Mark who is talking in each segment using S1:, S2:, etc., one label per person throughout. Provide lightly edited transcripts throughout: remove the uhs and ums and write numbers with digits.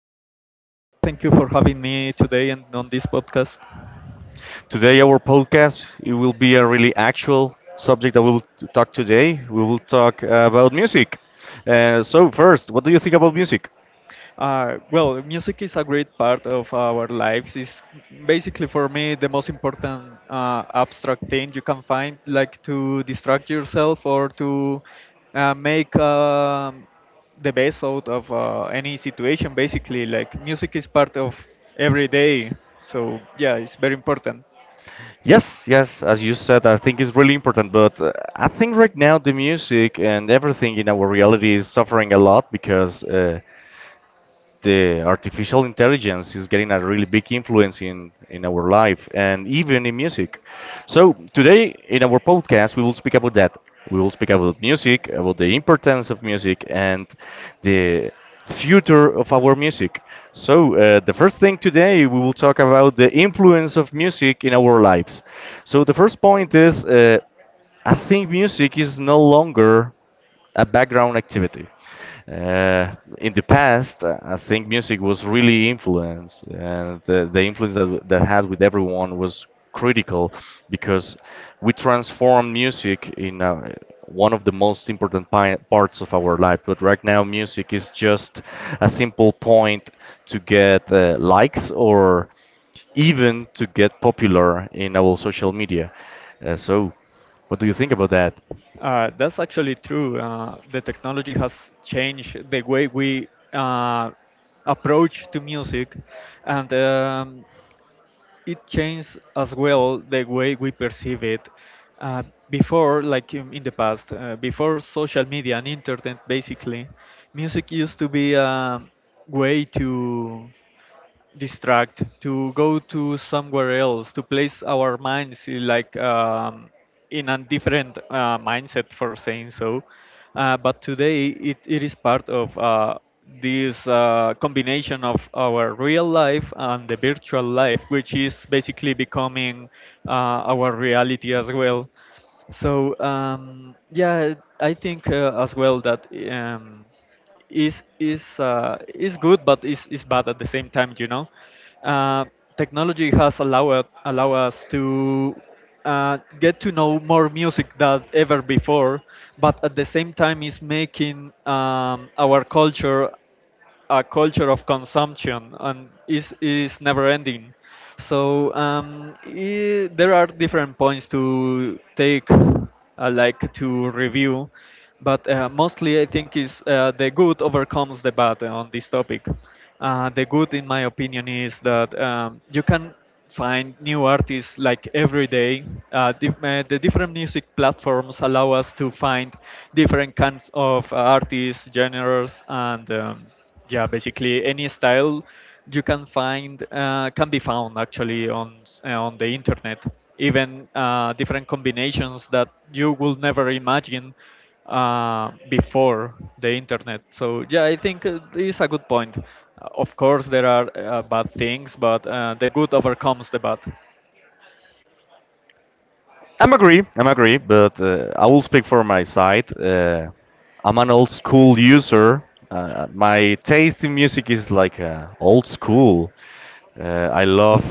S1: thank you. I'm good. Thank you for having me today and on this podcast.
S2: Today, our podcast it will be a really actual subject that we'll talk today. We will talk about music. So first, what do you think about music?
S1: Well, music is a great part of our lives. It's basically for me the most important abstract thing you can find, like to distract yourself or to make the best out of any situation. Basically, like music is part of every day. So yeah, it's very important.
S2: Yes, yes. As you said, I think it's really important. But I think right now the music and everything in our reality is suffering a lot because the artificial intelligence is getting a really big influence in our life and even in music. So, today in our podcast, we will speak about that. We will speak about music, about the importance of music, and the future of our music. So, the first thing today, we will talk about the influence of music in our lives. So, the first point is I think music is no longer a background activity. In the past, I think music was really influenced, and the influence that that had with everyone was critical because we transformed music in one of the most important parts of our life. But right now, music is just a simple point to get likes or even to get popular in our social media. So, what do you think about that?
S1: That's actually true. The technology has changed the way we uh, approach to music, and it changed as well the way we perceive it. Uh, Before, like in the past, before social media and internet, basically, music used to be a way to distract, to go to somewhere else, to place our minds in, like in a different mindset for saying so, but today it is part of this combination of our real life and the virtual life, which is basically becoming uh, our reality as well. So yeah, I think as well that is good, but is bad at the same time. You know, uh, technology has allowed allow us to get to know more music than ever before, but at the same time is making our culture a culture of consumption, and is never ending. So I there are different points to take, like to review, but mostly I think is the good overcomes the bad on this topic. The good, in my opinion, is that you can find new artists like every day. The different music platforms allow us to find different kinds of artists, genres, and yeah, basically any style you can find can be found actually on the internet. Even different combinations that you will never imagine before the internet. So yeah, I think it's a good point. Of course, there are bad things, but the good overcomes the bad.
S2: I'm agree. I'm agree, but I will speak for my side. I'm an old school user. My taste in music is like old school. Uh, I love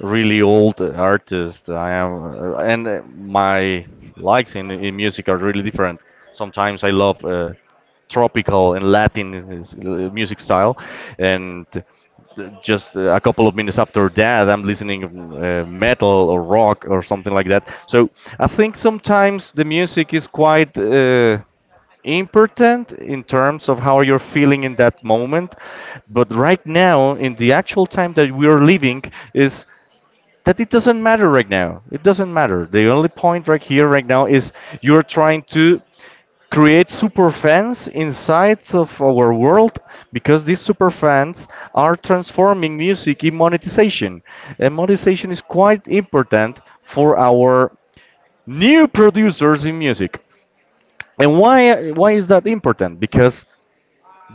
S2: really old artists. I am, and my likes in music are really different. Sometimes I love tropical and Latin music style, and just a couple of minutes after that, I'm listening metal or rock or something like that. So I think sometimes the music is quite. Important in terms of how you're feeling in that moment. But right now, in the actual time that we are living, is that it doesn't matter right now. It doesn't matter. The only point right here, right now, is you're trying to create super fans inside of our world because these super fans are transforming music in monetization. And monetization is quite important for our new producers in music. And why is that important? Because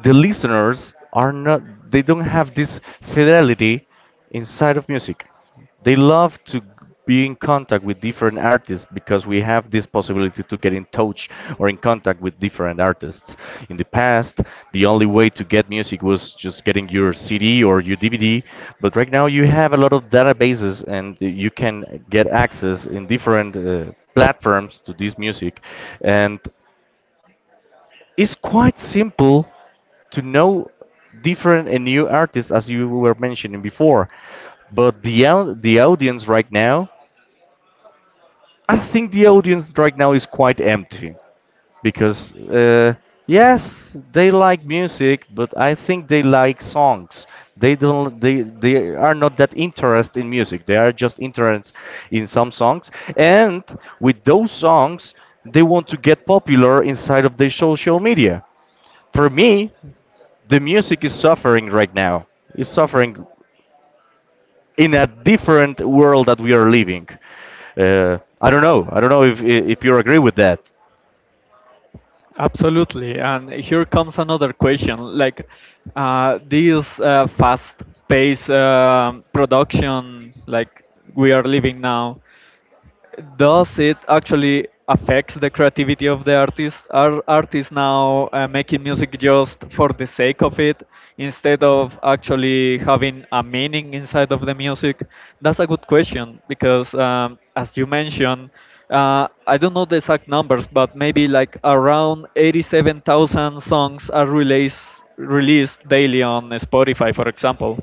S2: the listeners are not, they don't have this fidelity inside of music, they love to be in contact with different artists because we have this possibility to get in touch or in contact with different artists. In the past, the only way to get music was just getting your cd or your dvd, but right now you have a lot of databases and you can get access in different platforms to this music, and it's quite simple to know different and new artists as you were mentioning before. But the audience right now, I think the audience right now is quite empty because yes, they like music, but I think they like songs. They don't they are not that interested in music. They are just interested in some songs, and with those songs, they want to get popular inside of their social media. For me, the music is suffering right now. It's suffering in a different world that we are living. I don't know. I don't know if you agree with that.
S1: Absolutely. And here comes another question. Like this fast-paced production, like we are living now, does it actually affects the creativity of the artist? Are artists now making music just for the sake of it instead of actually having a meaning inside of the music? That's a good question because, as you mentioned, I don't know the exact numbers, but maybe like around 87,000 songs are released daily on Spotify, for example.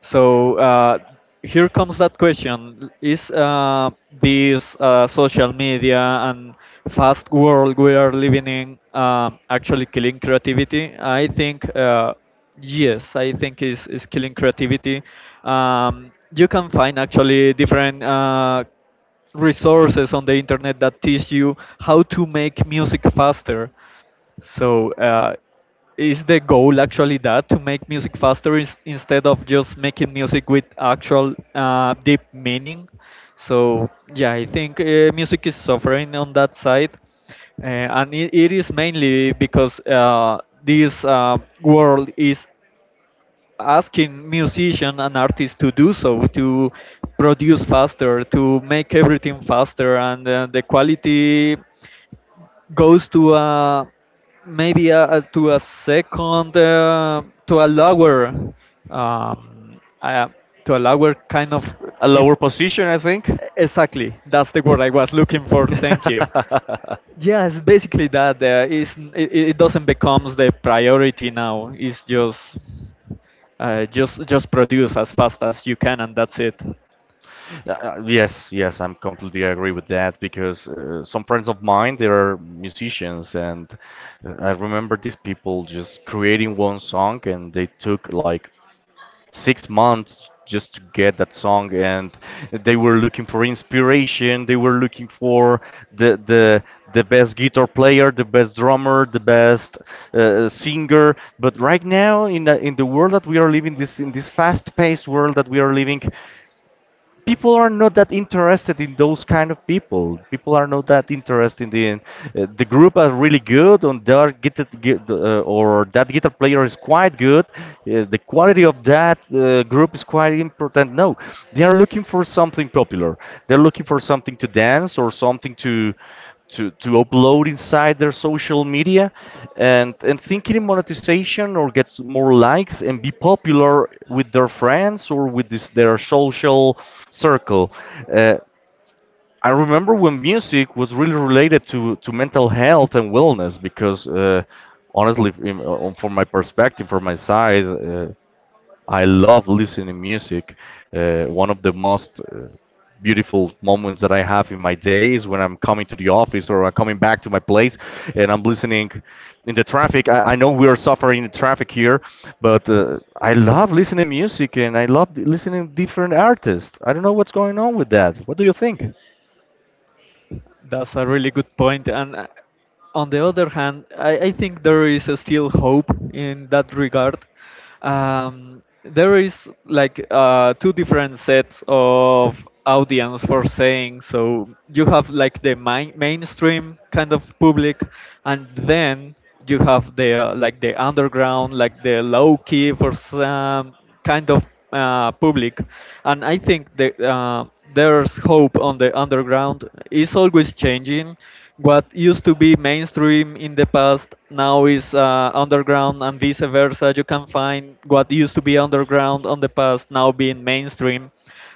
S1: So here comes that question: Is this social media and fast world we are living in actually killing creativity? I think yes. I think is killing creativity. You can find actually different. Resources on the internet that teach you how to make music faster, so, is the goal actually that to make music faster is, instead of just making music with actual deep meaning? So, yeah, I think music is suffering on that side, and it is mainly because this world is asking musician and artists to do so, to produce faster, to make everything faster, and the quality goes to a to a second, um, uh, to a lower kind of
S2: A lower
S1: im-
S2: position, I think.
S1: exactly, that's the word I was looking for, thank you. Yes, basically that it doesn't becomes the priority now. It's just just produce as fast as you can, and that's it.
S2: Yes, yes, I'm completely agree with that because some friends of mine, they are musicians, and I remember these people just creating one song and they took like 6 months just to get that song, and they were looking for inspiration, they were looking for the the the best guitar player, the best drummer, the best singer. But right now in in the world that we are living, this in this fast paced world that we are living, people are not that interested in those kind of people. People are not that interested in the group are really good and their or that guitar player is quite good. The quality of that group is quite important. No, they are looking for something popular. They're looking for something to dance or something to to upload inside their social media, and thinking in monetization or get more likes and be popular with their friends or with this, their social circle. uh, I remember when music was really related to mental health and wellness because honestly, from my perspective, from my side, I love listening to music. One of the most beautiful moments that I have in my day is when I'm coming to the office or I'm coming back to my place and I'm listening in the traffic. I know we are suffering in traffic here, but I love listening to music and I love listening to different artists. I don't know what's going on with that. What do you think?
S1: That's a really good point. And on the other hand, I think there is still hope in that regard. There is like two different sets of audience for saying so. You have like the main, mainstream kind of public, and then you have the like the underground, like the low key for some kind of public, and I think that there's hope on the underground. It's always changing. What used to be mainstream in the past now is underground, and vice versa. You can find what used to be underground on the past now being mainstream.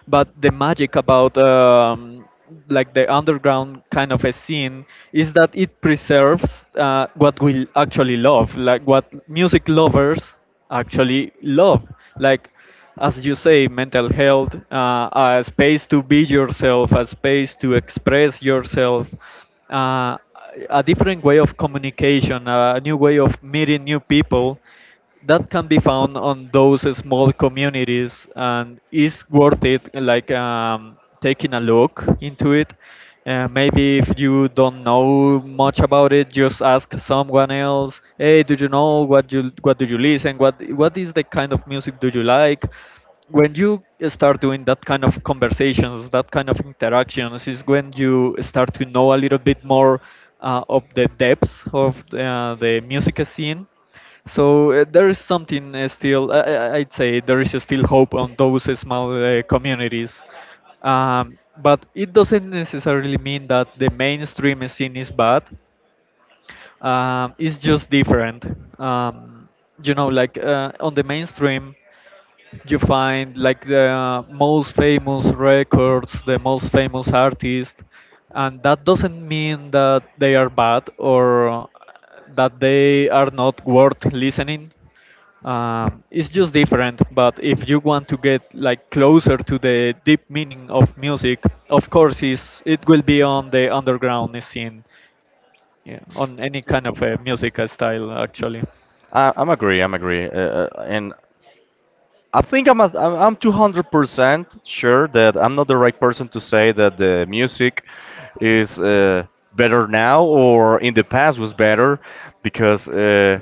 S1: But the magic about like the underground kind of a scene is that it preserves what we actually love, like what music lovers actually love, like, as you say, mental health, a space to be yourself, a space to express yourself, uh, a different way of communication, a new way of meeting new people that can be found on those small communities. And is worth it, like taking a look into it. Maybe if you don't know much about it, just ask someone else, hey, do you know what do you listen, what is the kind of music do you like? When you start doing that kind of conversations, that kind of interactions, is when you start to know a little bit more of the depths of the music scene. So there is something still, I'd say there is still hope on those small communities. But it doesn't necessarily mean that the mainstream scene is bad. It's just different. Um, you know, like on the mainstream, you find like the most famous records, the most famous artists, and that doesn't mean that they are bad or that they are not worth listening. It's just different, but if you want to get like closer to the deep meaning of music, of course, is it will be on the underground scene. Yeah, on any kind of music style actually.
S2: I'm agree. I'm agree. And I think I'm 200% sure that I'm not the right person to say that the music is better now or in the past was better because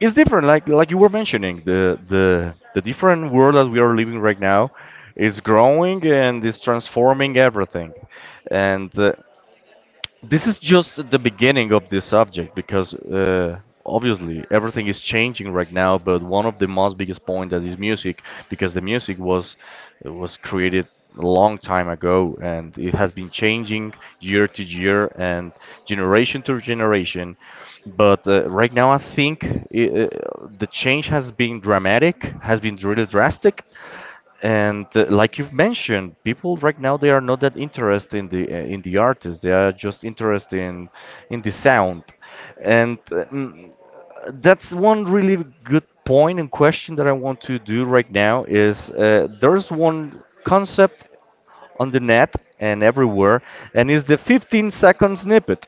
S2: it's different. Like you were mentioning, the different world that we are living right now is growing and is transforming everything. And this is just the beginning of this subject because obviously everything is changing right now. But one of the most biggest point that is music, because the music was created a long time ago and it has been changing year to year and generation to generation. But right now, I think I the change has been dramatic, has been really drastic, and like you've mentioned, people right now they are not that interested in the artist. They are just interested in the sound, and that's one really good point and question that I want to do right now is there's one concept on the net and everywhere, and is the 15-second snippet.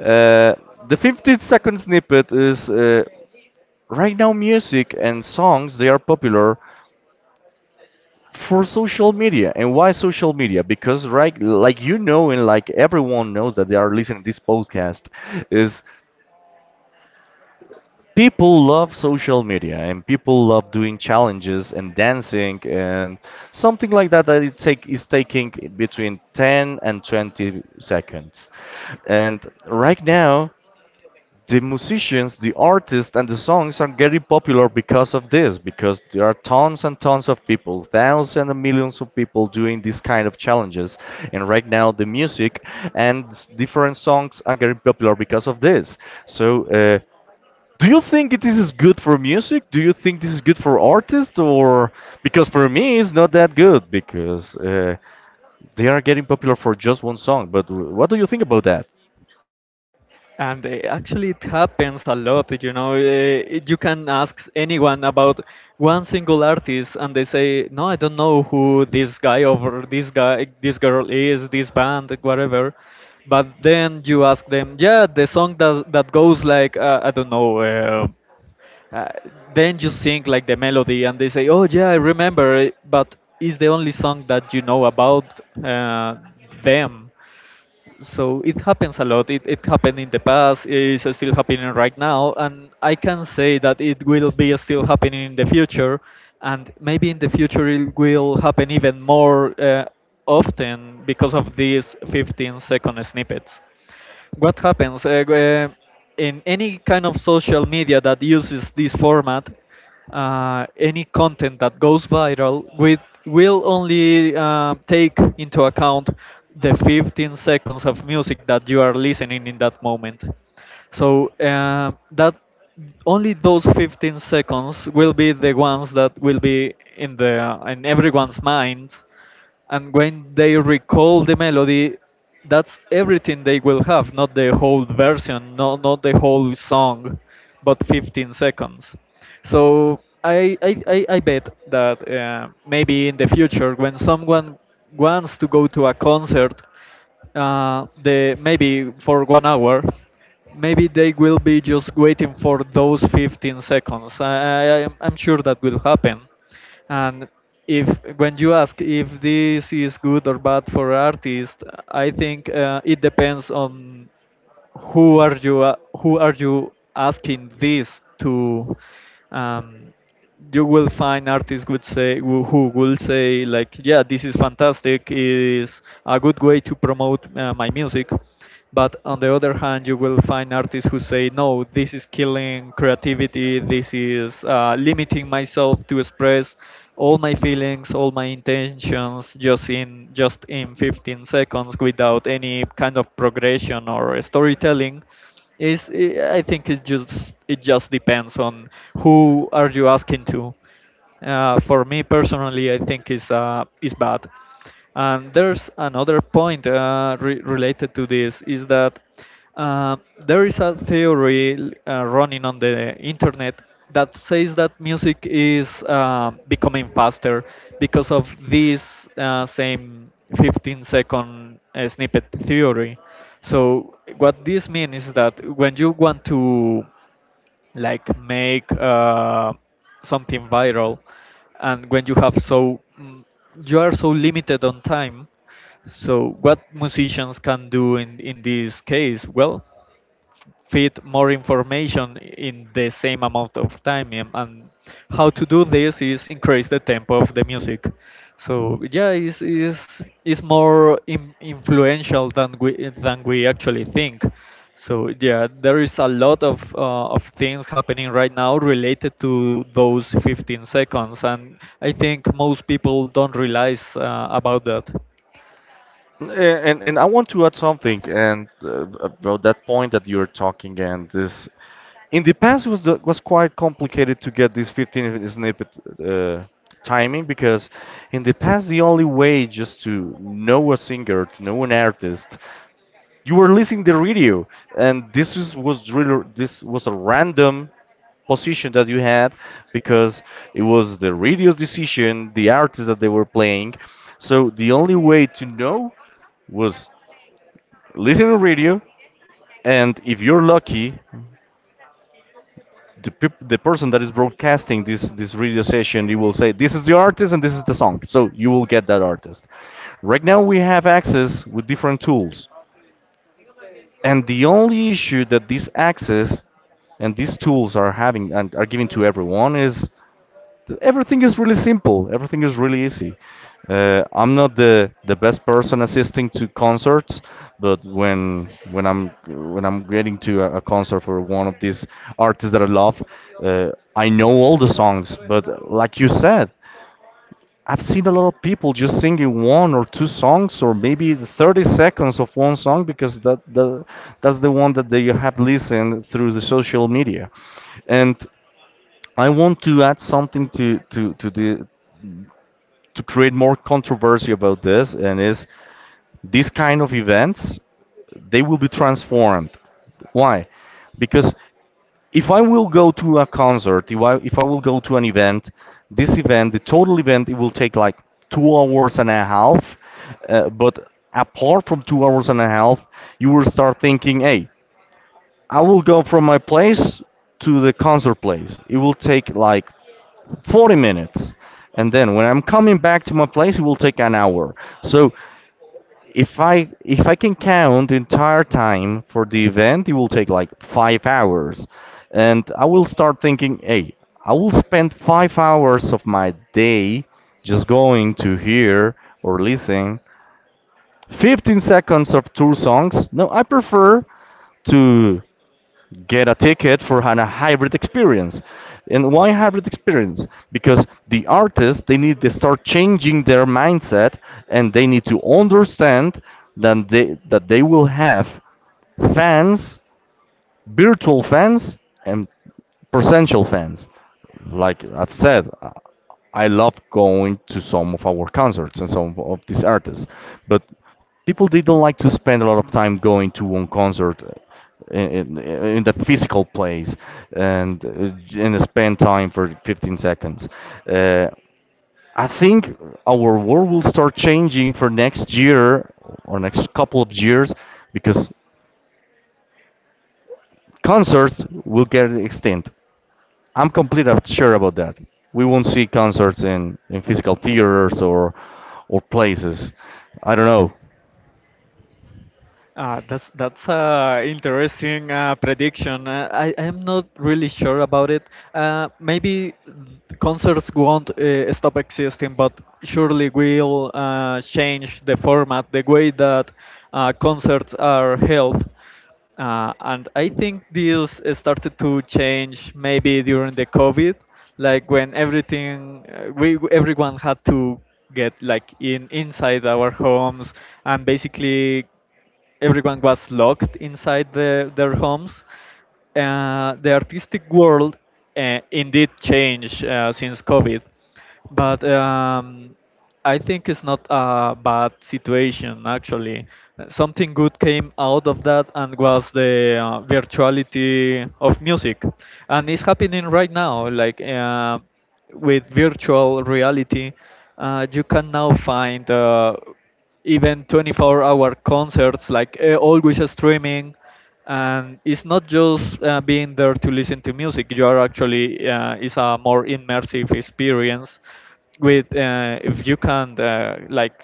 S2: Uh, the 15-second snippet is right now music and songs they are popular for social media. And why social media? Because right, like you know, and like everyone knows that they are listening to this podcast, is people love social media and people love doing challenges and dancing and something like that that it take is taking between 10 and 20 seconds. And right now the musicians, the artists, and the songs are getting popular because of this, because there are tons and tons of people, thousands and millions of people doing these kind of challenges. And right now, the music and different songs are getting popular because of this. So, do you think this is good for music? Do you think this is good for artists? Or because for me, it's not that good because they are getting popular for just one song. But what do you think about that?
S1: And actually, it happens a lot. You know, you can ask anyone about one single artist, and they say, "No, I don't know who this guy or this guy, this girl is, this band, whatever." But then you ask them, "Yeah, the song that goes like I don't know." Uh, then you sing like the melody, and they say, "Oh yeah, I remember," it," but it's the only song that you know about them. So it happens a lot. It happened in the past, it's still happening right now, and I can say that it will be still happening in the future, and maybe in the future it will happen even more often because of these 15-second snippets. What happens in any kind of social media that uses this format, any content that goes viral with will only take into account the 15 seconds of music that you are listening in that moment. So that only those 15 seconds will be the ones that will be in the in everyone's mind, and when they recall the melody, that's everything they will have, not the whole version, not the whole song, but 15 seconds. So I bet that maybe in the future, when someone wants to go to a concert, the maybe for 1 hour, maybe they will be just waiting for those 15 seconds. I'm sure that will happen. And if when you ask if this is good or bad for artists, I think it depends on who are you asking this to. Um, you will find artists would say who will say like yeah, this is fantastic, is a good way to promote my music. But on the other hand, you will find artists who say, no, this is killing creativity, this is limiting myself to express all my feelings, all my intentions, just in 15 seconds without any kind of progression or storytelling. Is I think it just depends on who are you asking to. For me personally, I think is bad. And there's another point related to this is that uh, there is a theory running on the internet that says that music is becoming faster because of this same 15 second snippet theory. So what this means is that when you want to like make something viral, and when you have so you are so limited on time, so what musicians can do in this case, well, fit more information in the same amount of time, and how to do this is increase the tempo of the music. So yeah, it's more influential than we actually think. So yeah, there is a lot of things happening right now related to those 15 seconds, and I think most people don't realize about that.
S2: And I want to add something. And about that point that you're talking. And this, in the past it was the, was quite complicated to get this 15 snippet uh, timing because in the past the only way just to know a singer, to know an artist, you were listening the radio, and this is, was really this was a random position that you had because it was the radio's decision, the artist that they were playing. So the only way to know was listening to radio, and if you're lucky, the person that is broadcasting this radio session, you will say this is the artist and this is the song. So you will get that artist. Right now we have access with different tools. And the only issue that these access and these tools are having and are giving to everyone is that everything is really simple. Everything is really easy. I'm not the best person assisting to concerts, but when I'm getting to a concert for one of these artists that I love, uh, I know all the songs. But like you said, I've seen a lot of people just singing one or two songs or maybe 30 seconds of one song because that's the one that they have listened through the social media. And I want to add something to the to create more controversy about this. And is these kind of events, they will be transformed. Why? Because if I will go to a concert, if I will go to an event, this event, the total event, it will take like 2 hours and a half. But apart from 2 hours and a half, you will start thinking, hey, I will go from my place to the concert place. It will take like 40 minutes. And then when I'm coming back to my place, it will take an hour. So if I can count the entire time for the event, it will take like 5 hours, and I will start thinking, hey, I will spend 5 hours of my day just going to hear or listen 15 seconds of two songs. No, I prefer to get a ticket for a hybrid experience. And why hybrid experience? Because the artists, they need to start changing their mindset and they need to understand that they will have fans, virtual fans and potential fans. Like I've said, I love going to some of our concerts and some of these artists, but people didn't like to spend a lot of time going to one concert in, in, in the physical place and spend time for 15 seconds. Uh, I think our world will start changing for next year or next couple of years because concerts will get extinct. I'm completely sure about that. We won't see concerts in physical theaters or places. I don't know.
S1: That's a interesting prediction. I'm not really sure about it. Maybe concerts won't stop existing, but surely will change the format, the way that concerts are held. And I think this started to change maybe during the COVID, like when everything we everyone had to get like in inside our homes, and basically everyone was locked inside their homes. The artistic world indeed changed since COVID, but I think it's not a bad situation actually. Something good came out of that, and was the virtuality of music, and it's happening right now. Like with virtual reality, you can now find. Even 24-hour concerts, like always streaming, and it's not just being there to listen to music. You are actually it's a more immersive experience with if you can like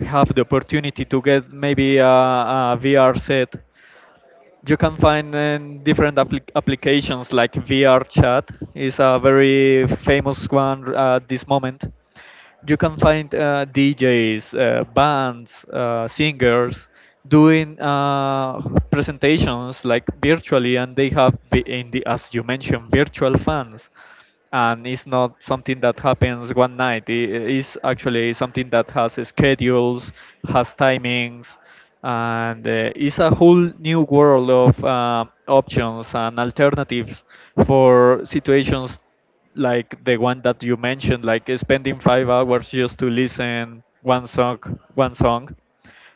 S1: have the opportunity to get maybe a VR set. You can find in different applications like VR chat is a very famous one at this moment. You can find DJs, bands, singers doing presentations like virtually, and they have, as you mentioned, virtual fans, and it's not something that happens one night. It is actually something that has schedules, has timings, and it's a whole new world of options and alternatives for situations like the one that you mentioned, like spending 5 hours just to listen one song, one song,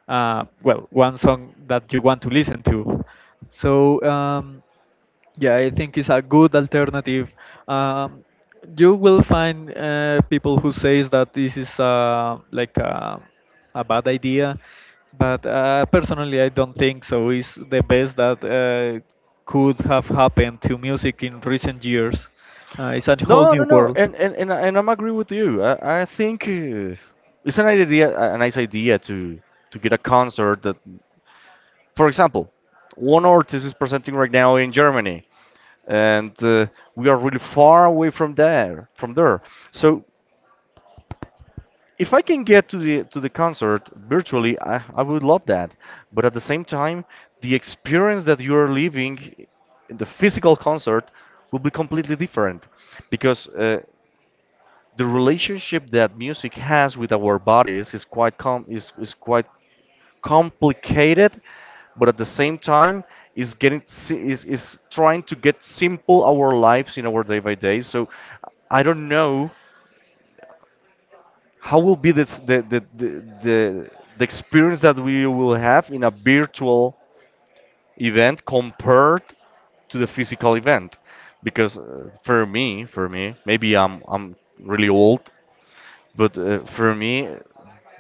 S1: uh, well, one song that you want to listen to. So yeah, I think it's a good alternative. Um, you will find people who says that this is uh, like a bad idea, but personally, I don't think so. It's the best that could have happened to music in recent years. It's a whole
S2: No, no,
S1: new
S2: no,
S1: world.
S2: and I'm agree with you. I think it's an idea, a nice idea to get a concert that, for example, one artist is presenting right now in Germany, and we are really far away from there, from there. So if I can get to the concert virtually, I would love that. But at the same time, the experience that you're living in the physical concert will be completely different because the relationship that music has with our bodies is quite complicated, but at the same time is trying to get simple our lives in our day by day. So I don't know how will be this the the experience that we will have in a virtual event compared to the physical event? Because for me, maybe I'm really old, but for me,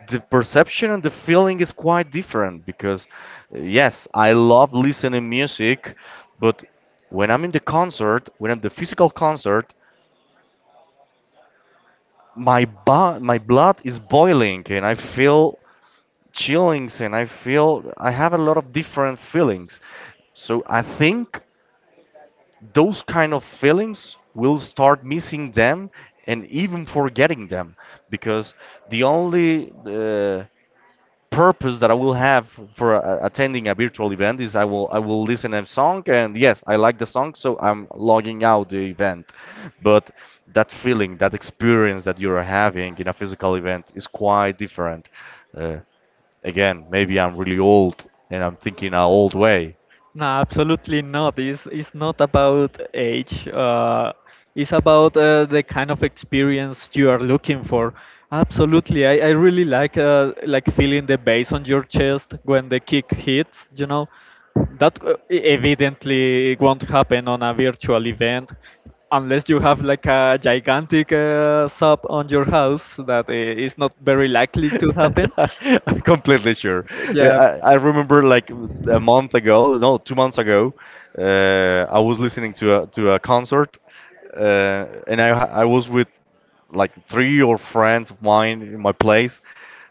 S2: the perception and the feeling is quite different because yes, I love listening music, but when I'm in the concert, when I'm the physical concert, my blood is boiling and I feel chillings and I feel I have a lot of different feelings. So I think those kind of feelings will start missing them and even forgetting them because the only purpose that I will have for attending a virtual event is I will listen a song, and yes, I like the song, so I'm logging out the event. But that feeling, that experience that you're having in a physical event is quite different. Uh, Again, maybe I'm really old and I'm thinking an old way.
S1: No, absolutely not. It's not about age. It's about the kind of experience you are looking for. Absolutely, I really like feeling the bass on your chest when the kick hits. You know, that uh, evidently won't happen on a virtual event unless you have like a gigantic sub on your house that is not very likely to happen.
S2: I'm completely sure. Yeah,
S1: Yeah.
S2: I remember like a month ago, no, 2 months ago, I was listening to to a concert, and I was with like 3 or friends of mine in my place.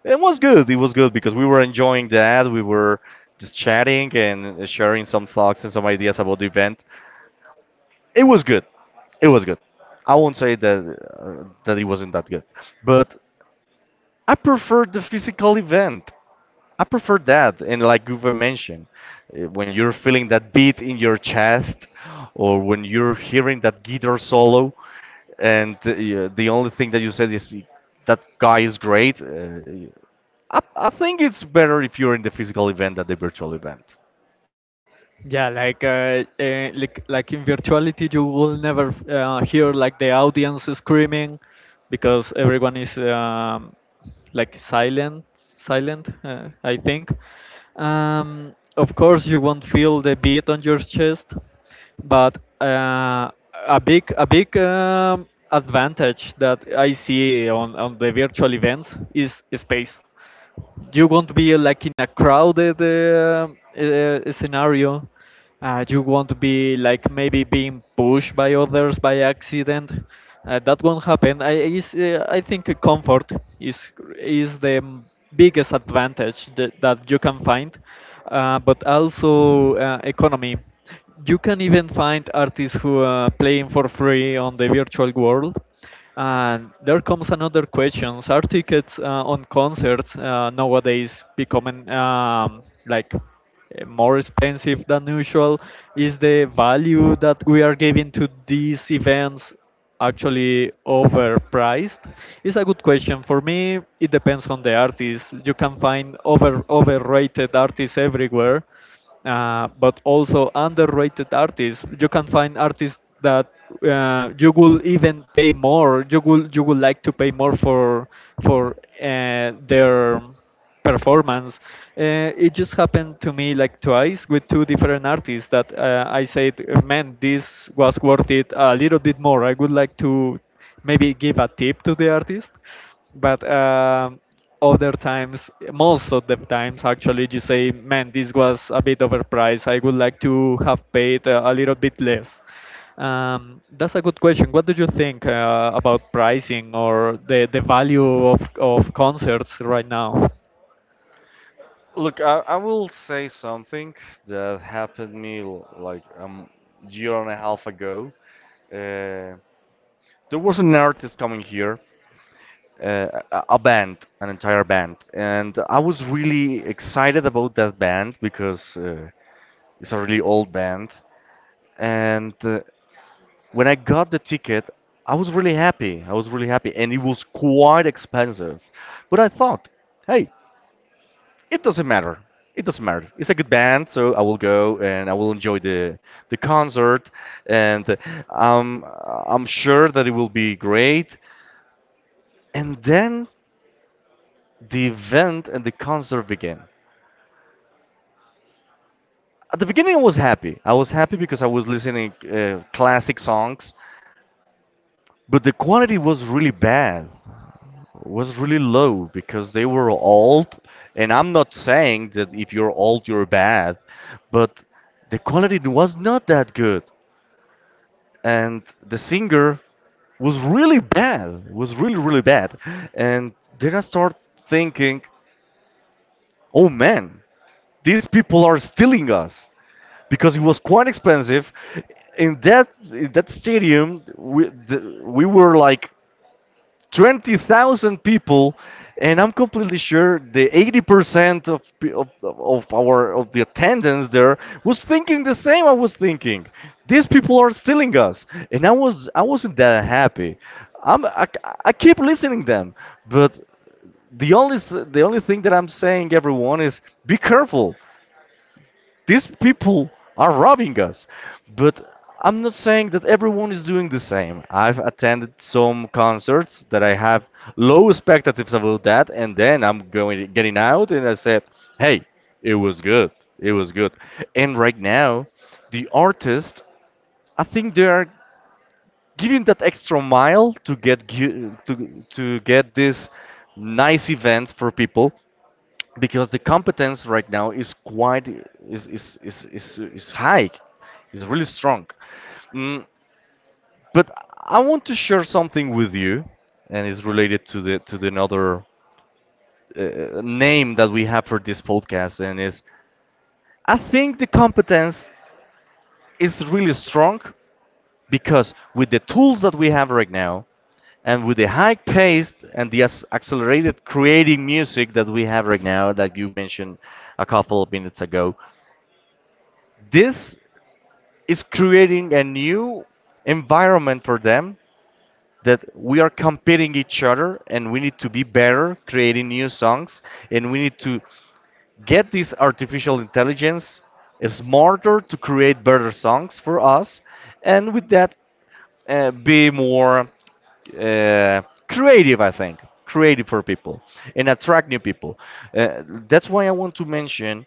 S2: It was good. It was good because we were enjoying that. We were just chatting and sharing some thoughts and some ideas about the event. It was good. It was good. I won't say that that it wasn't that good, but I preferred the physical event. I prefer that, and like you've mentioned, when you're feeling that beat in your chest, or when you're hearing that guitar solo, and yeah, the only thing that you said is "Y- that guy is great." I think it's better if you're in the physical event than the virtual event.
S1: Yeah, like in virtuality, you will never hear like the audience screaming, because everyone is like silent. I think. Of course, you won't feel the beat on your chest, but uh, a big advantage that I see on the virtual events is space. You won't be like in a crowded scenario. You won't be like maybe being pushed by others by accident. That won't happen. I think comfort is is the biggest advantage that you can find, but also economy. You can even find artists who are playing for free on the virtual world, and there comes another question: are tickets on concerts nowadays becoming like uh, more expensive than usual? Is the value that we are giving to these events actually overpriced? It's a good question. For me, it depends on the artist. You can find overrated artists everywhere, but also underrated artists. You can find artists that you will even pay more. You would like to pay more for their performance. It just happened to me like twice with two different artists that I said, man, this was worth it a little bit more. I would like to maybe give a tip to the artist, but other times, most of the times actually, you say, man, this was a bit overpriced. I would like to have paid a little bit less. That's a good question. What do you think about pricing or the value of concerts right now?
S2: Look, I will say something that happened me like year and a half ago. Uh, there was an artist coming here, a band, an entire band, and I was really excited about that band because it's a really old band. And when I got the ticket, I was really happy. I was really happy, and it was quite expensive. But I thought, hey, it doesn't matter. It doesn't matter. It's a good band, so I will go and I will enjoy the concert, and um, I'm sure that it will be great. And then the event and the concert began. At the beginning, I was happy. I was happy because I was listening classic songs, but the quality was really bad. Was really low because they were old, and I'm not saying that if you're old you're bad, but the quality was not that good. And the singer was really bad, was really, really bad. And then I start thinking, oh man, these people are stealing us because it was quite expensive. In that stadium, we were like 20,000 people, and I'm completely sure the 80% of, pe- of our of the attendance there was thinking the same I was thinking. These people are stealing us, and I wasn't that happy. I'm I, I keep listening them, but the only thing that I'm saying everyone is be careful. These people are robbing us. But I'm not saying that everyone is doing the same. I've attended some concerts that I have low expectations about that, and then I'm going getting out and I said, "Hey, it was good. It was good." And right now, the artists, I think they are giving that extra mile to get this nice events for people because the competence right now is quite is high, is really strong. Mm, but I want to share something with you and it's related to the another name that we have for this podcast. And is, I think the competence is really strong because with the tools that we have right now and with the high pace and the accelerated creating music that we have right now that you mentioned a couple of minutes ago, this is creating a new environment for them, that we are competing each other and we need to be better creating new songs, and we need to get this artificial intelligence smarter to create better songs for us, and with that be more uh, creative. I think creative for people and attract new people. uh, that's why I want to mention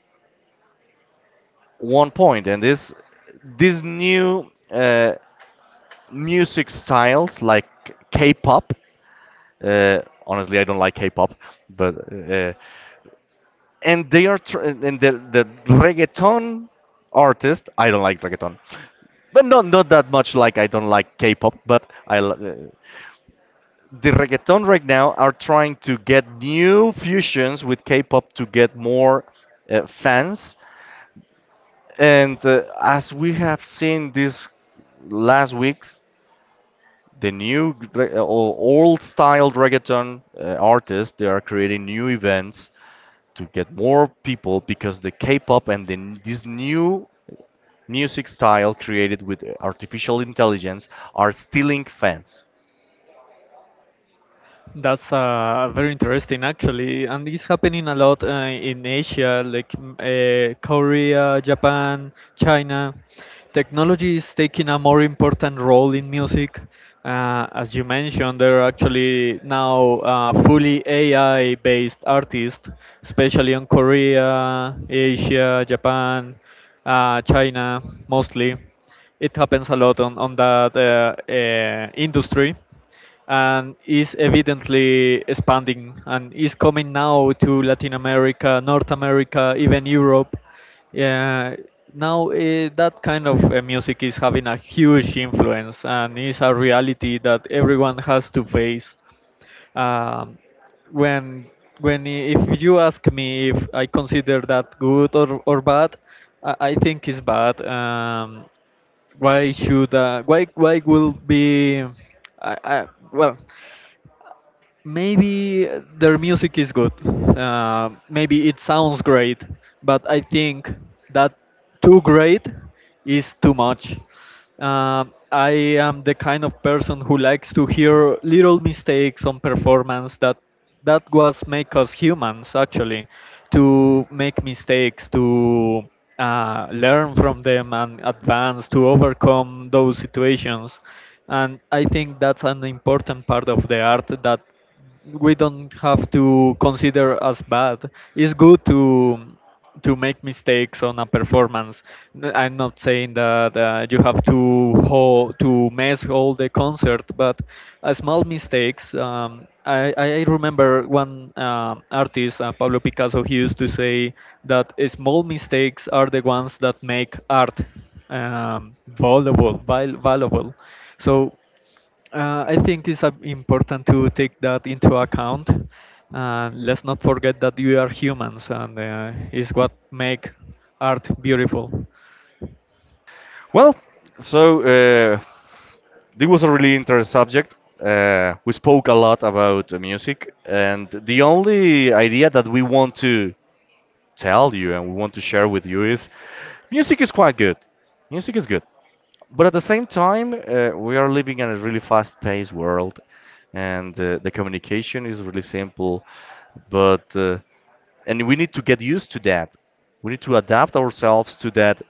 S2: one point, and this new uh, music styles like K-pop. Uh, Honestly, I don't like K-pop, but and the reggaeton artist. I don't like reggaeton, but not not that much. Like I don't like K-pop, but the reggaeton right now are trying to get new fusions with K-pop to get more fans, and as we have seen these last weeks, the old style reggaeton artists, they are creating new events to get more people because the K-pop and this new music style created with artificial intelligence are stealing fans.
S1: That's very interesting, actually, and it's happening a lot in Asia, like Korea, Japan, China. Technology is taking a more important role in music. As you mentioned, there are actually now fully AI-based artists, especially on Korea, Asia, Japan, China, mostly. It happens a lot on that industry, and is evidently expanding and is coming now to Latin America, North America, even Europe. Yeah, now that kind of music is having a huge influence, and is a reality that everyone has to face. Um, when if you ask me if I consider that good or bad, I think it's bad. Why should Why will be well maybe their music is good. Maybe it sounds great, but I think that too great is too much. I am the kind of person who likes to hear little mistakes on performance, that was make us humans actually, to make mistakes, to learn from them and advance to overcome those situations. And I think that's an important part of the art, that we don't have to consider as bad. It's good to make mistakes on a performance. I'm not saying that you have to to mess all the concert. But small mistakes. I remember one artist, Pablo Picasso, he used to say that small mistakes are the ones that make art valuable. Valuable. So I think it's important to take that into account. Let's not forget that we are humans, and is what make art beautiful.
S2: Well, so this was a really interesting subject. We spoke a lot about music, and the only idea that we want to tell you and we want to share with you is music is quite good. Music is good. But at the same time, we are living in a really fast-paced world, and the communication is really simple. But and we need to get used to that. We need to adapt ourselves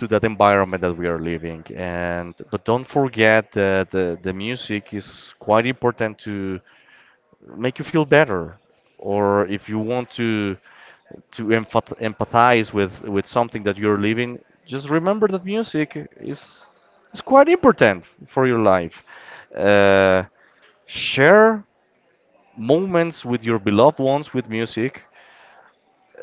S2: to that environment that we are living. And but don't forget that the music is quite important to make you feel better, or if you want to empathize with something that you're living, just remember that music is quite important for your life. uh, Share moments with your beloved ones with music,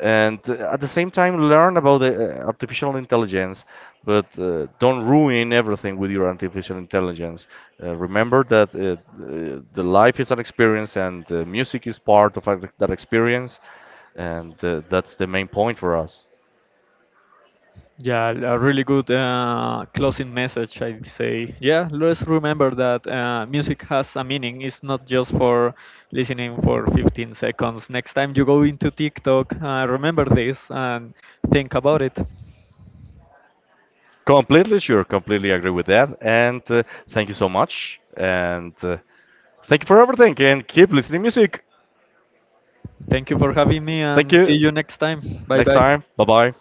S2: and at the same time learn about the artificial intelligence, but don't ruin everything with your artificial intelligence. Remember that the life is an experience, and music is part of that experience, and that's the main point for us.
S1: Yeah, a really good closing message, I'd say. Yeah, let's remember that music has a meaning. It's not just for listening for 15 seconds. Next time you go into TikTok, remember this and think about it.
S2: Completely sure, completely agree with that, and thank you so much, and thank you for everything, and keep listening music.
S1: Thank you for having me,
S2: Thank
S1: and see
S2: you.
S1: you next time. Bye
S2: Next
S1: bye.
S2: time, bye bye.